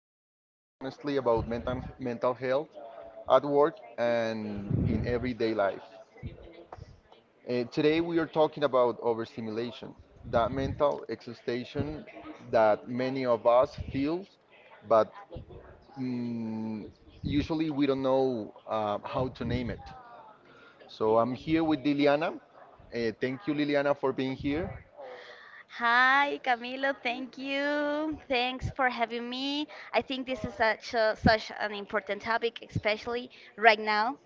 and talk honestly about mental health at work and in everyday life. Today we are talking about overstimulation, that mental exhaustion that many of us feel, but mm, usually we don't know how to name it. So I'm here with Liliana. Thank you, Liliana, for being here. Hi, Camilo. Thank you. Thanks for having me. I think this is such an important topic, especially right now.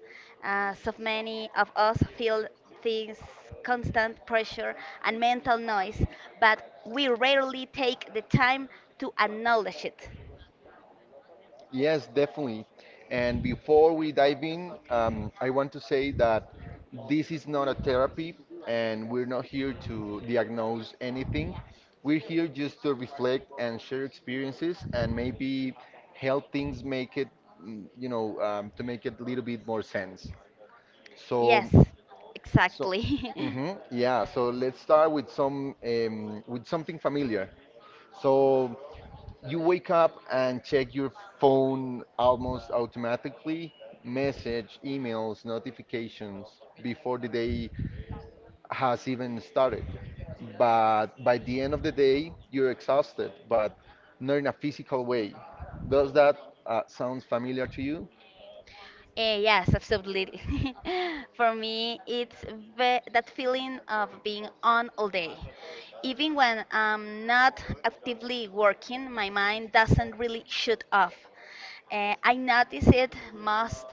So many of us feel things, constant pressure and mental noise, but we rarely take the time to acknowledge it. Yes, definitely. And before we dive in, I want to say that this is not a therapy, and we're not here to diagnose anything. We're here just to reflect and share experiences, and maybe help things make it, to make it a little bit more sense. Yes, So, so, exactly. hmm yeah, let's start with some, with something familiar. So, you wake up and check your phone almost automatically, message, emails, notifications, before the day has even started. But by the end of the day, you're exhausted, but not in a physical way. Does that sounds familiar to you? Yes, absolutely. For me, it's ve that feeling of being on all day. Even when I'm not actively working, my mind doesn't really shut off. I notice it most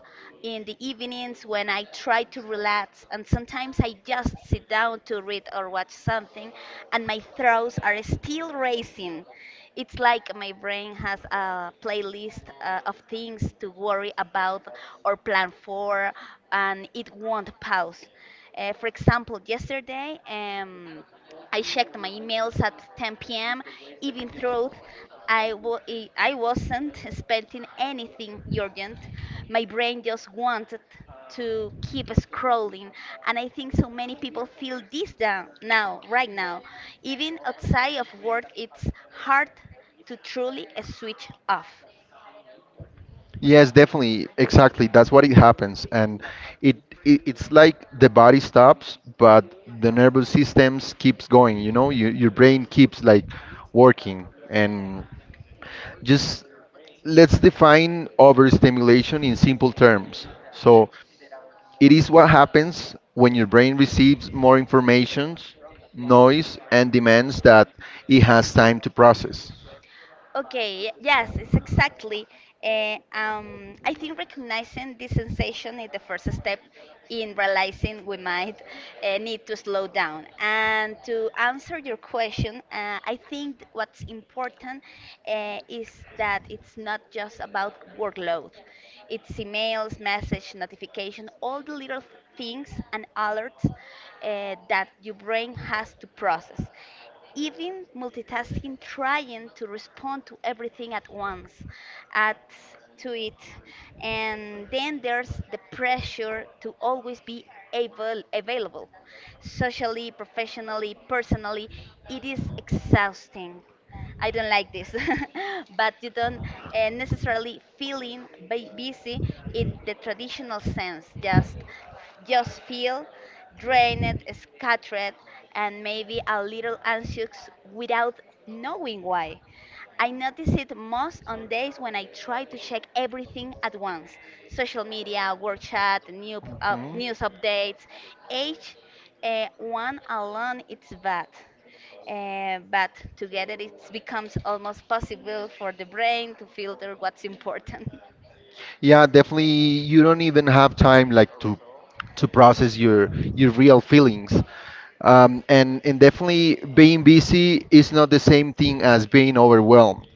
in the evenings when I try to relax, and sometimes I just sit down to read or watch something, and my thoughts are still racing. It's like my brain has a playlist of things to worry about or plan for, and it won't pause. For example, yesterday, I checked my emails at 10 p.m. even though I, wa- I wasn't expecting anything urgent. My brain just wanted to keep scrolling, and I think so many people feel this down now, right now. Even outside of work, it's hard to truly switch off. Yes, definitely. Exactly. That's what it happens. And it, it's like the body stops, but the nervous systems keeps going, you know, your brain keeps like working, and just let's define overstimulation in simple terms. So it is what happens when your brain receives more information, noise, and demands that it has time to process. Okay, yes, it's exactly. I think recognizing this sensation is the first step in realizing we might need to slow down. And to answer your question, I think what's important is that it's not just about workload. It's emails, message, notification, all the little things and alerts that your brain has to process, even multitasking, trying to respond to everything at once, at to it. And then there's the pressure to always be able, available, socially, professionally, personally. It is exhausting. I don't like this. But you don't necessarily feeling busy in the traditional sense. Just feel drained, scattered, and maybe a little anxious without knowing why. I notice it most on days when I try to check everything at once, social media, work chat, new, p- up Hmm? news updates. Each one alone it's bad. But together it becomes almost possible for the brain to filter what's important. Yeah, definitely. You don't even have time, like, to process your real feelings. And definitely, being busy is not the same thing as being overwhelmed.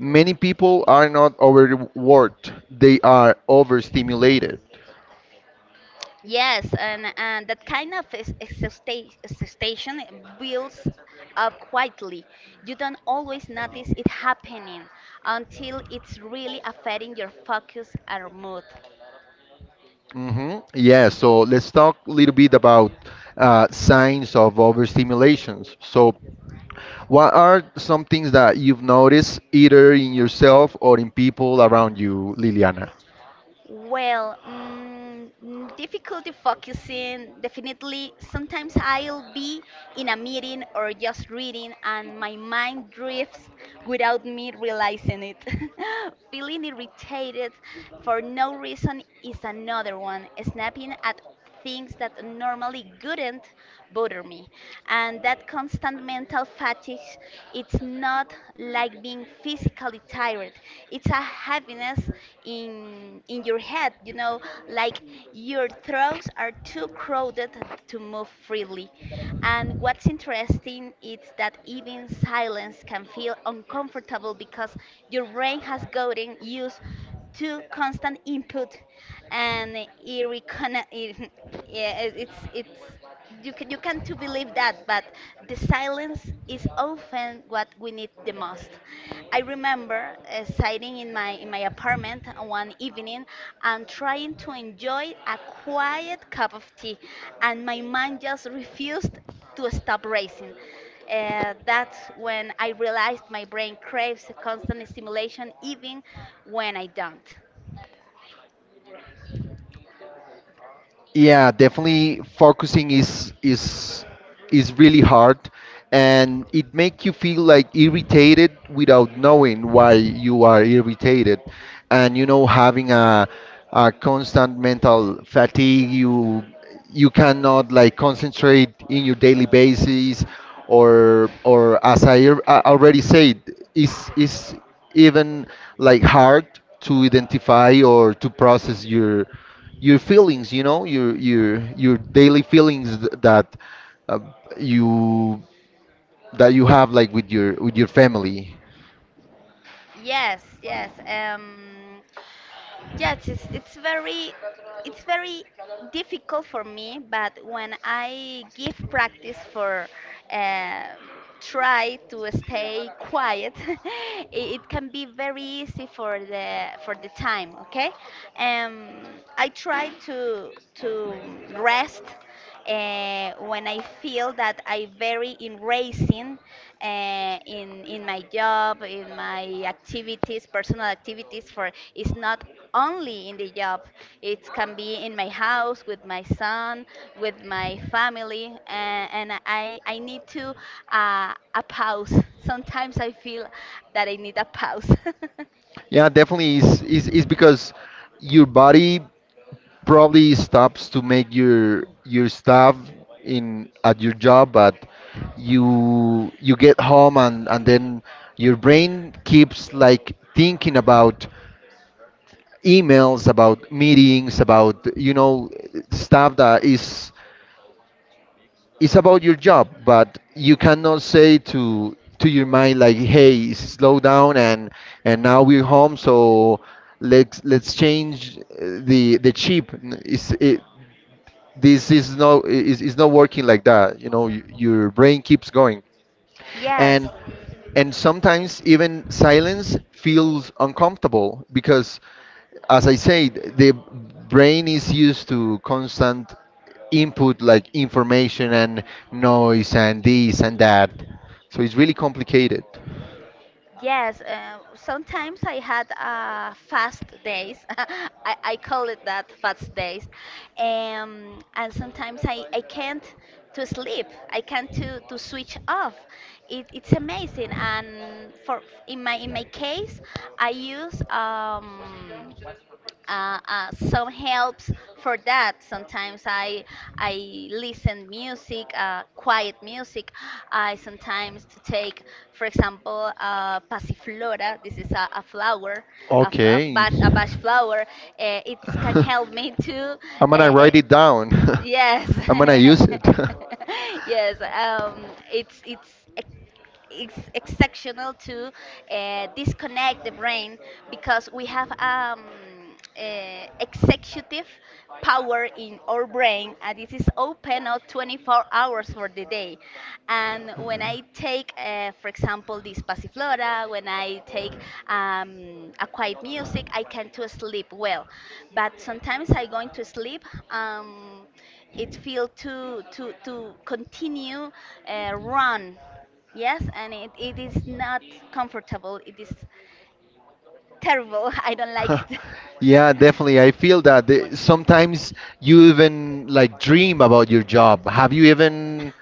Many people are not overworked; they are overstimulated. Yes, and that kind of exhaustion builds up quietly. You don't always notice it happening until it's really affecting your focus and mood. Mm-hmm. Yeah, so let's talk a little bit about signs of overstimulations. So, what are some things that you've noticed either in yourself or in people around you, Liliana? Well, difficulty focusing, definitely. Sometimes I'll be in a meeting or just reading, and my mind drifts without me realizing it. Feeling irritated for no reason is another one. Snapping at things that normally wouldn't bother me. And that constant mental fatigue, it's not like being physically tired. It's a heaviness in your head, you know, like your throats are too crowded to move freely. And what's interesting is that even silence can feel uncomfortable because your brain has gotten used to constant input, and it reconna it, yeah, it's you can to believe that, but the silence is often what we need the most. I remember sitting in my apartment one evening and trying to enjoy a quiet cup of tea, and my mind just refused to stop racing. That's when I realized my brain craves a constant stimulation even when I don't. Yeah, definitely, focusing is really hard, and it make you feel like irritated without knowing why you are irritated. And, you know, having a constant mental fatigue, you cannot like concentrate in your daily basis, or as I already said, is even like hard to identify or to process your feelings, you know, your daily feelings uh, you that you have, like, with your family. Yes, yes. Yes, it's very difficult for me, but when I give practice for uh, try to stay quiet, it can be very easy for the time, okay? Um, I try to rest when I feel that I very in racing in my job, in my activities, personal activities. For it's not only in the job; it can be in my house with my son, with my family, and, and I need to a pause. Sometimes I feel that I need a pause. Yeah, definitely is because your body probably stops to make your stuff in at your job. But you get home, and then your brain keeps like thinking about emails, about meetings, about stuff that is about your job. But you cannot say to your mind, like, hey, slow down, and now we're home. So let's change the chip. This is not working like that. Your brain keeps going. Yes. And and sometimes even silence feels uncomfortable, because, as I said, the brain is used to constant input, like information, and noise, and this and that. So it's really complicated. Yes, sometimes I had fast days. I call it that fast days, and sometimes I can't to sleep. I can't to switch off. It, it's amazing. And for in my case, I use some helps for that. Sometimes I listen music, quiet music. I sometimes to take, for example, passiflora. This is a flower, a, f- a, Okay. bat, a bush flower. It can help me to. I'm Uh, gonna uh, write it down. yes, I'm gonna use it. yes. Um, it's it's exceptional to disconnect the brain because we have executive power in our brain, and this is open up 24 hours for the day. And when I take, for example, this passiflora, when I take a quiet music, I can to sleep well. But sometimes I going to sleep, um, it feel to continue run. Yes, and it is not comfortable. It is terrible. I don't like it. Yeah, definitely. I feel that sometimes you even like dream about your job. Have you even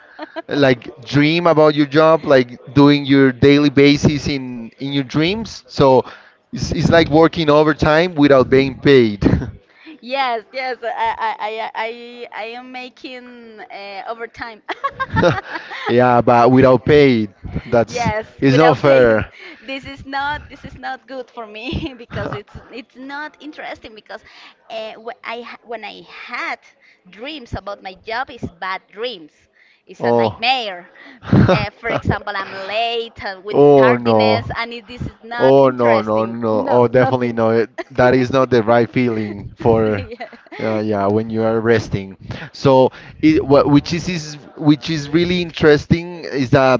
like dream about your job, like doing your daily basis in your dreams? So it's like working overtime without being paid. Yes, yes, I am making overtime. Yeah, but without paid, that's Yes, it's not without pain. fair. This is not good for me because it's not interesting because when I had dreams about my job is bad dreams. It's a Oh. nightmare. For example, I'm late with Oh, no. tardiness, and it, this is not Oh, no, no, interesting. no! Oh, No, definitely nothing. no. That is not the right feeling for, See, yeah. Yeah, when you are resting. So, it, what which is which is really interesting is that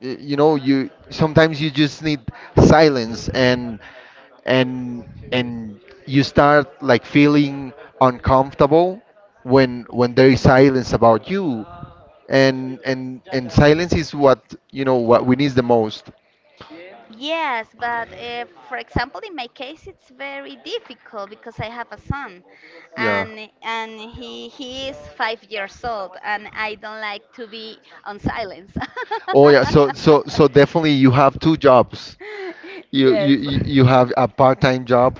you know, you sometimes you just need silence, and you start like feeling uncomfortable when there is silence about you, and silence is what you know what we need the most. Yes, but if, for example, in my case, it's very difficult because I have a son, Yeah. and and he is 5 years old, and I don't like to be on silence. Oh, yeah, so definitely you have two jobs. You you Yes. you you have a part-time job,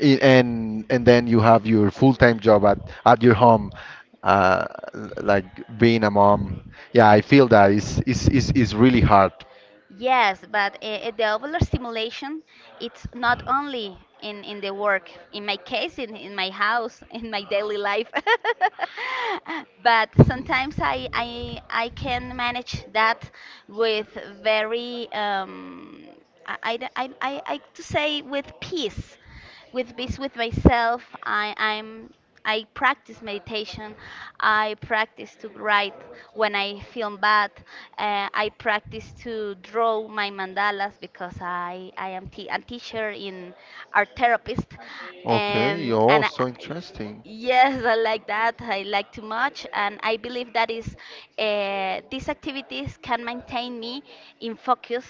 and then you have your full-time job at your home, uh, like being a mom. Yeah, I feel that is really hard. Yes, but the ovular stimulation, it's not only in the work, in my case, in my house, in my daily life. But hmm sometimes I can manage that with very, I, d- I to say with peace, with peace with myself. I practice meditation. I practice to write when I feel bad. I practice to draw my mandalas because a teacher in art therapist. Okay. Um, Oh, and I, so interesting. yes, I like that. I like too much. And I believe that is these activities can maintain me in focus.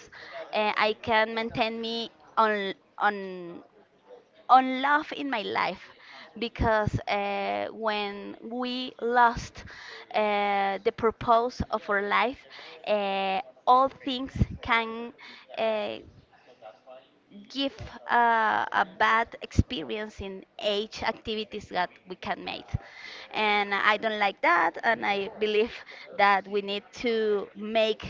I can maintain me on on on love in my life because when we lost the purpose of our life, uh, all things can uh, give a bad experience in age activities that we can make. And I don't like that, and I believe that we need to make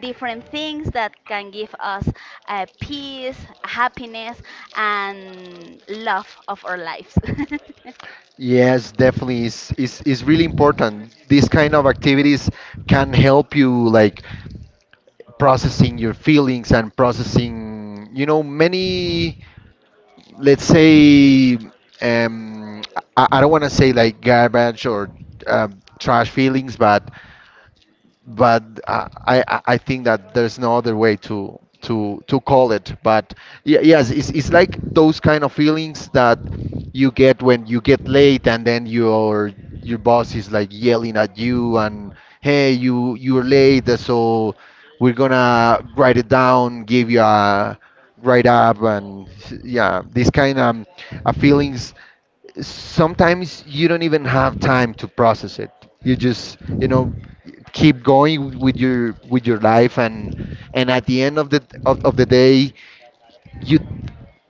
different things that can give us peace, happiness and love of our lives. Yes, definitely is really important. These kind of activities can help you, like, processing your feelings and processing, many, let's say, um, I don't want to say like garbage or, trash feelings, but I think that there's no other way to call it. But yes, it's like those kind of feelings that you get when you get late, and then your boss is like yelling at you, and hey, you're late, so we're gonna write it down, give you a write up. And yeah, these kind of feelings, sometimes you don't even have time to process it. You just, keep going with your life, and at the end of the day, you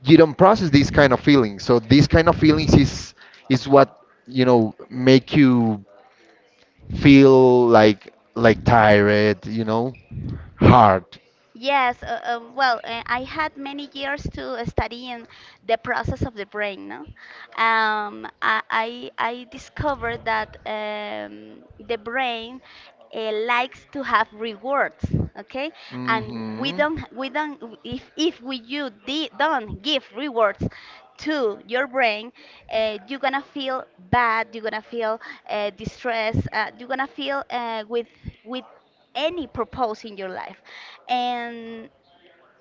you don't process these kind of feelings. So these kind of feelings is what, make you feel, like, tired, you know, hard. Yes, well, I had many years to study in the process of the brain. No? I discovered that the brain likes to have rewards, okay? And Mhm. We don't, if we you don't give rewards to your brain, you're gonna feel bad, you're gonna feel distressed, you're gonna feel with any purpose in your life. And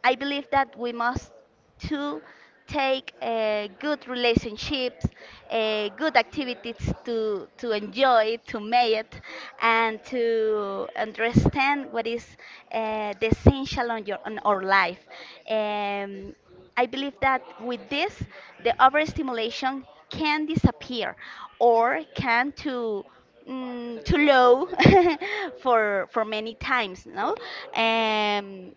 I believe that we must to take good relationships, good activities to enjoy, to make it, and to understand what is the essential on your on our life. Um, I believe that with this, the overstimulation can disappear or can to too low for many times, no? Um,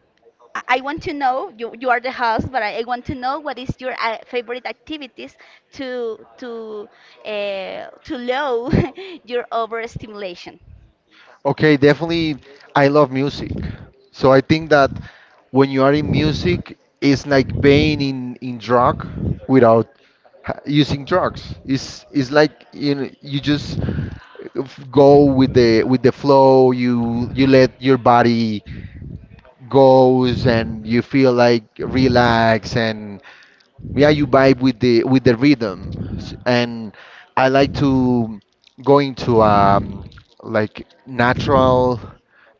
I want to know, you are the host, but I want to know what is your favorite activities to to to low your overstimulation. Okay, definitely. I love music. So I think that when you are in music, it's like being in drug without using drugs. It's Okay. like, you just go with the flow. You let your body goes, and you feel like relax, and, yeah, you vibe with the rhythm. And I like to go into, like, natural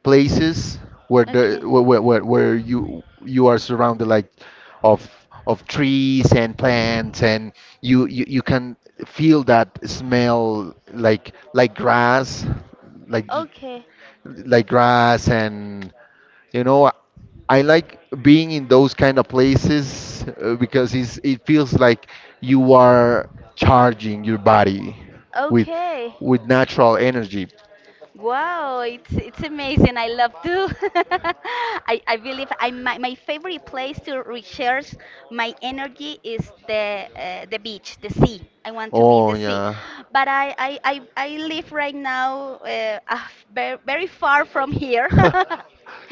places, where the Okay. Where you are surrounded, like, of of trees and plants, and you can feel that smell, like j- Okay. like grass. And, you know, I like being in those kind of places, because it feels like you are charging your body with Okay. with natural energy. Wow, it's amazing. I love to. I believe I my favorite place to recharge my energy is the beach, the sea. I want to be in Oh the sea, yeah. but I live right now very, very far from here.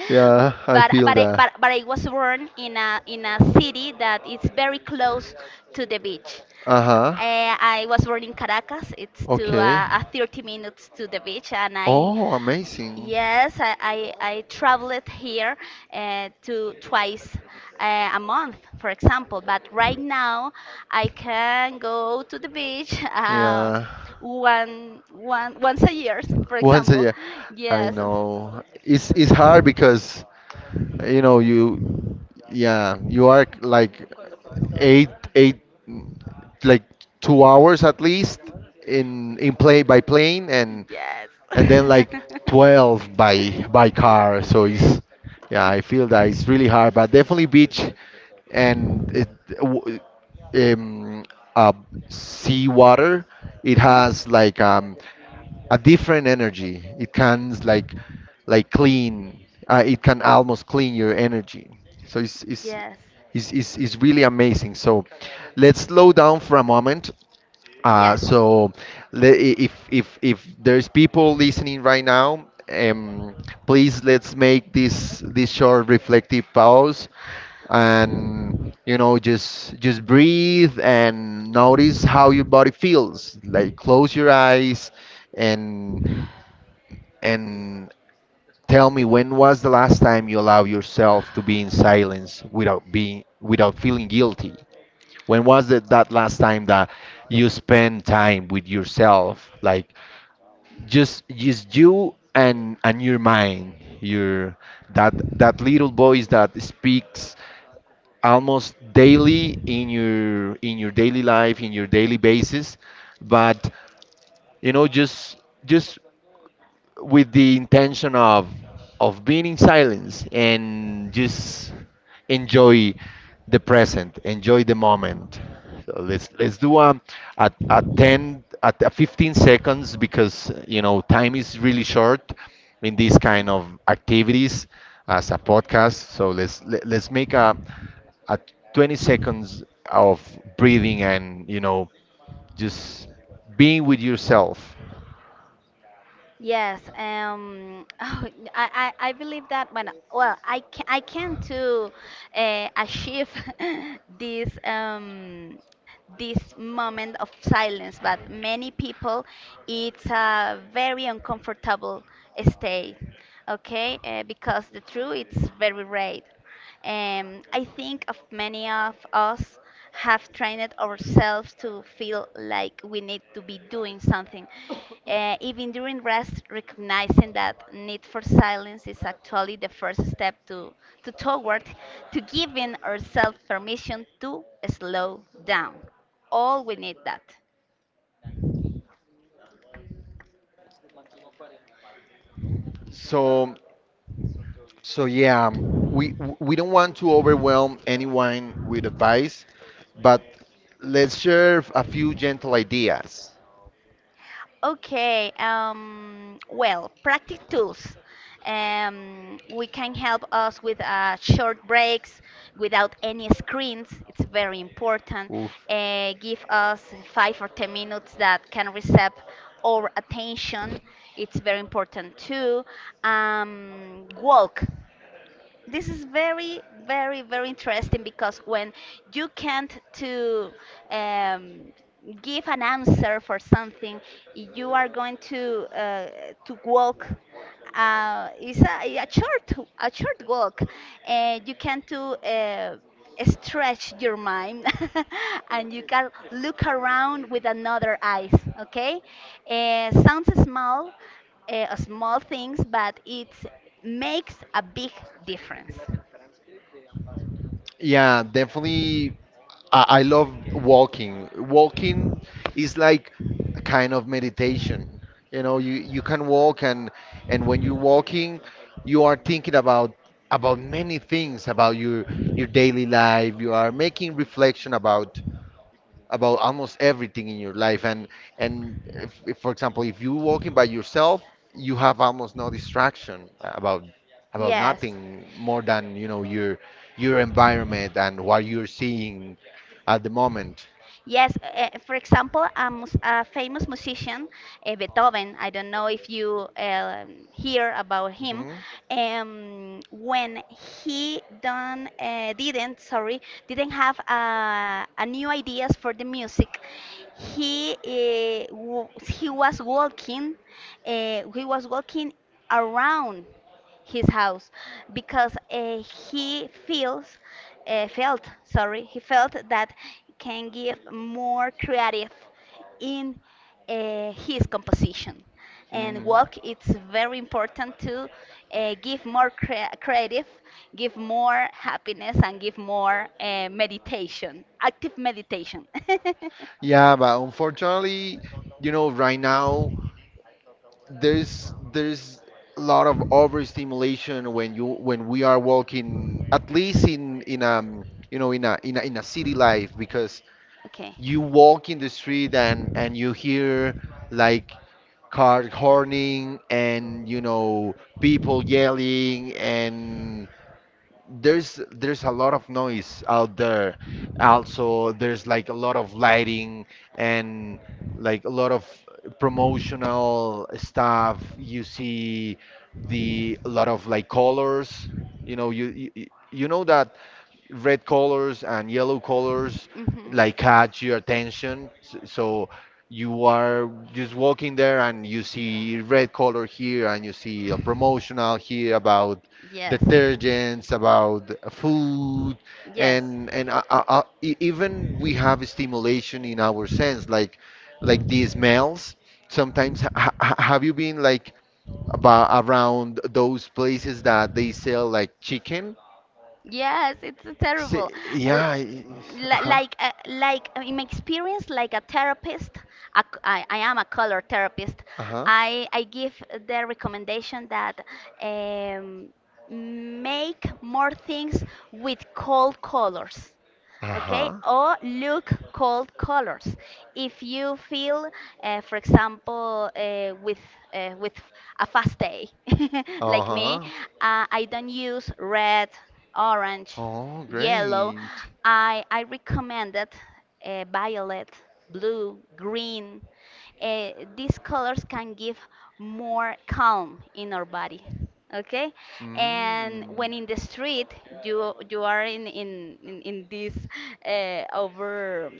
Yeah, I But, feel but, I, that. but, but I was born in in a city that is very close to the beach. Uh-huh. I was born in Caracas. It's to Okay. 30 minutes to the beach, and Oh, amazing. yes, I traveled here to twice a month, for example. But right now, I can go to the beach Yeah. Once a year, for Once a example. year. I Yes, know. It's hard, because, you know you yeah, you are like eight eight, like 2 hours at least, in play by plane, and yes. and then like 12 by car, so it's yeah, I feel that it's really hard. But definitely, beach. And w- um, uh, sea water, it Mhm. has, like, a different energy. It can, like, clean. It can almost clean your energy. So it's it's Yes, it's, it's, it's really amazing. So let's slow down for a moment, yes. so, if there's people listening right now, please let's make this short reflective pause, and, just breathe and notice how your body feels. Like, close your eyes, and and tell me, when was the last time you allowed yourself to be in silence, without feeling guilty. When was it, that last time, that you spent time with yourself, like just you and your mind, your that that little voice that speaks almost daily in your daily life, in your daily basis, but, you know just just with the intention of being in silence, and just enjoy the present, enjoy the moment. So let's do a 15 seconds, because, time is really short in these Mhm. kind of activities, as a podcast. So let's make a 20 seconds of breathing, and, just being with yourself. Yes, oh, I believe that when, well, I can too achieve this this moment of silence, but many people, it's a very uncomfortable state, okay? Because the truth it's very rare. I think of many of us have trained ourselves to feel like we need to be doing something, even during rest. Recognizing that need for silence is actually the first step to toward to giving ourselves permission to slow down. All we need that. So So, yeah, we don't want to overwhelm anyone with advice, but let's share a few gentle ideas. Okay, well, practice tools. We can help us with short breaks without any screens. It's very important. Oof. Give us 5 or 10 minutes that can receive our attention. It's very important too. Walk This is very very interesting because when you can't to um, give an answer for something you are going to walk. It's a short walk and you can to uh, stretch your mind and you can look around with another eyes. Okay, sounds small, small things, but it makes a big difference. Yeah, definitely. I love walking. Walking is like a kind of meditation. You know, you can walk, and when you're walking, you are thinking about many things, about your daily life. You are making reflection about almost everything in your life. And, if, for example, if you're walking by yourself, you have almost no distraction about Yes. nothing more than, you know your environment and what you're seeing at the moment. Yes, for example, a famous musician, Beethoven. I don't know if you hear about him. Hmm. When he done, didn't, sorry, didn't have a new ideas for the music, he was walking, uh, he was walking around his house because he feels, felt, sorry, he felt that can give more creative in his composition. And Hmm. walk, it's very important to give more creative, give more happiness, and give more meditation, active meditation. Yeah, but unfortunately, right now, there's a lot of overstimulation when you when we are walking, at least in you know in a city life, because Okay. you walk in the street, and you hear, like, car horning, and, people yelling, and there's a lot of noise out there. Also, there's, like, a lot of lighting, and, like, a lot of promotional stuff. You see the a lot of, like, colors. You know that red colors and yellow colors, Hmm. like, catch your attention. So you are just walking there, and you see red color here, and you see a promotional here about Yes, detergents, about food, yes. and even we have stimulation in our sense, like, the smells. Sometimes, have you been, like, about around those places that they sell, like, chicken? Yes, it's a See, terrible. yeah. L- I- li- uh-huh, Like, uh, like uh, in my experience, like a therapist, I am a color therapist. uh-huh, I give the recommendation that um, make more things with cold colors. Okay, uh-huh, or look cold colors if you feel, for example, with a fast day like me. uh-huh. I don't use red, orange, Oh, yellow. great. I recommended violet, blue, green. uh, these colors can give more calm in our body. Okay. And Mm. when in the street you are in this over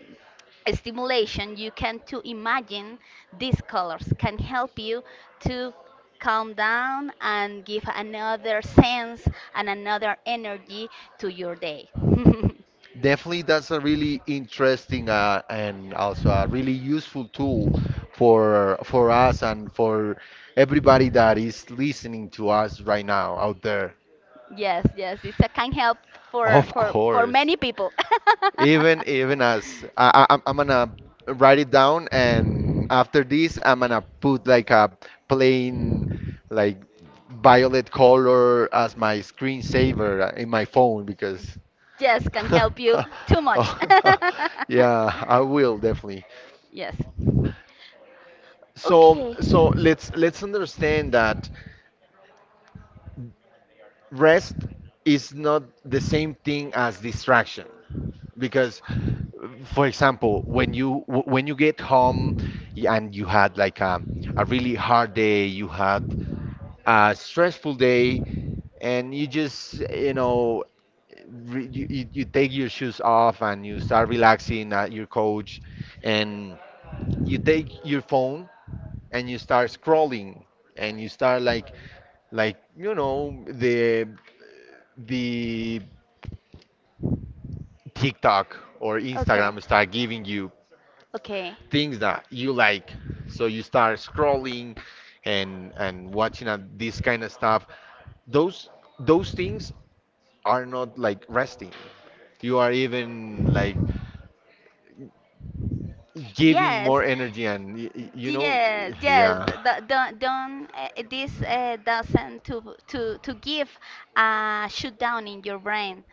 stimulation, you can to imagine these colors can help you to calm down and give another sense and another energy to your day. Definitely, that's a really interesting, and also a really useful tool for us, and for everybody that is listening to us right now out there. Yes, yes, it's a, can help Of for course, many people. even as I'm gonna write it down, and after this, I'm gonna put like a plain, like, violet color as my screensaver in my phone, because Yes, can help you too much. yeah, I will definitely. Yes. So Okay. so let's understand that rest is not the same thing as distraction, because, for example, when when you get home, and you had like a really hard day, you had a stressful day, and you just you know re- you take your shoes off, and you start relaxing at your couch, and you take your phone, and you start scrolling, and you start like the TikTok or Okay. Instagram start giving you Okay. things that you like, so you start scrolling and watching, this kind of stuff. Those those things are not like resting. You are even, like, giving more Yes. energy, and y- y- you know Yes, yes. Yeah. Don't, don't, this doesn't to give a shutdown in your brain,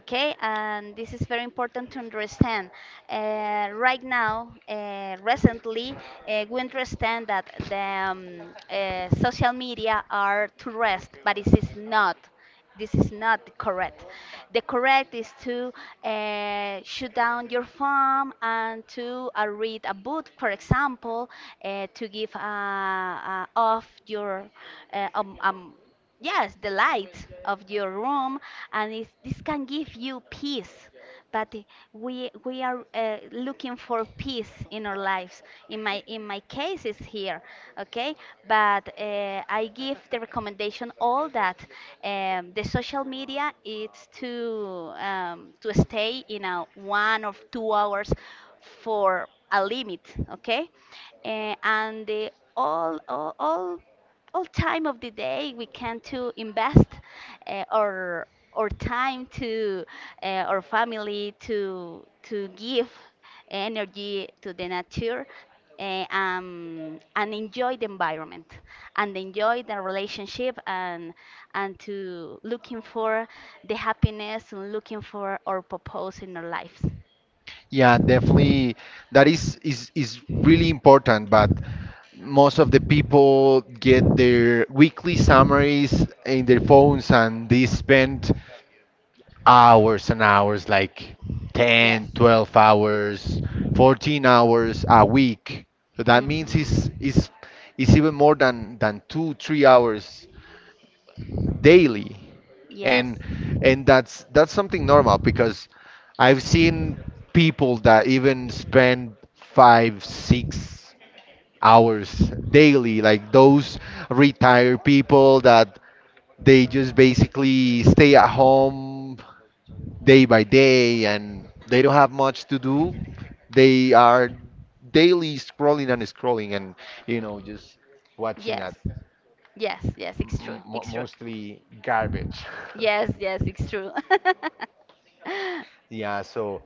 okay? And this is very important to understand. Right now, recently, we understand that the social media are to rest, but it is not. This is not correct. The correct is to shut down your phone and to read a book, for example, to give off your uh, um, um, yes, the light of your room. And it's, this can give you peace, but we are looking for peace in our lives. In my case, it's here. Okay. But I give the recommendation all that the social media, it's to stay in a 1 or 2 hours for a limit. Okay. And the all time of the day we can to invest uh, our our time to our family, to give energy to the nature, and enjoy the environment and enjoy the relationship, and to looking for the happiness and looking for our purpose in our lives. Yeah, definitely. That is really important. But most of the people get their weekly summaries in their phones, and they spend hours and hours, like Yes. 10, 12 hours, 14 hours a week. So that means Hmm. it's even more than two, 3 hours daily. Yes. And and that's something normal, because I've seen people that even spend 5, 6 hours daily, like those retired people, that they just basically stay at home day by day, and they don't have much to do. They are daily scrolling and scrolling, and, just watching Yes. Yes. Yes, it's true. m- It's true. mostly garbage. Yes, yes, it's true. Yeah, so,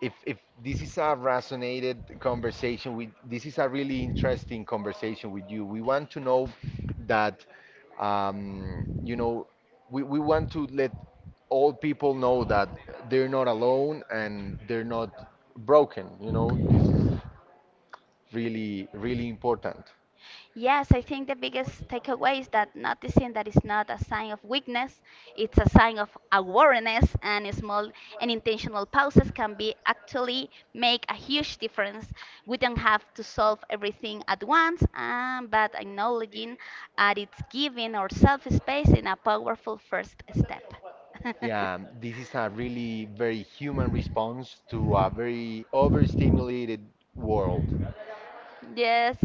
if this is a really interesting conversation with you, we want to know that, um, you know we want to let all people know that they're not alone, and they're not broken. This is really, really important. Yes, I think the biggest takeaway is that noticing that it's not a sign of weakness, it's a sign of awareness, and small and intentional pauses can be actually make a huge difference. We don't have to solve everything at once, but acknowledging that it's giving ourselves space in a powerful first step. Yeah, this is a really very human response to a very overstimulated world. Yes,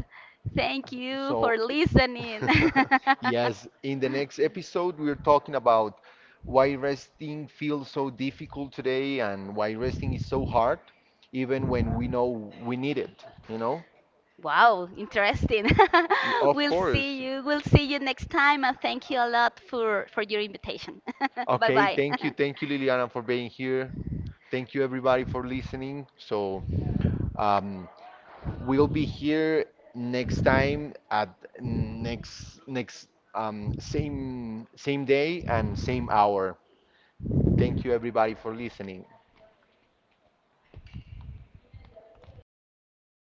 thank you So, for listening. yes, in the next episode, we're talking about why resting feels so difficult today, and why resting is so hard, even when we know we need it, you know? Wow, interesting. Of We'll course. see you. We'll see you next time, and thank you a lot for your invitation. Bye Okay, bye. Thank you, Liliana, for being here. Thank you, everybody, for listening. So, um, we'll be here next time, at next next same day and same hour. Thank you, everybody, for listening.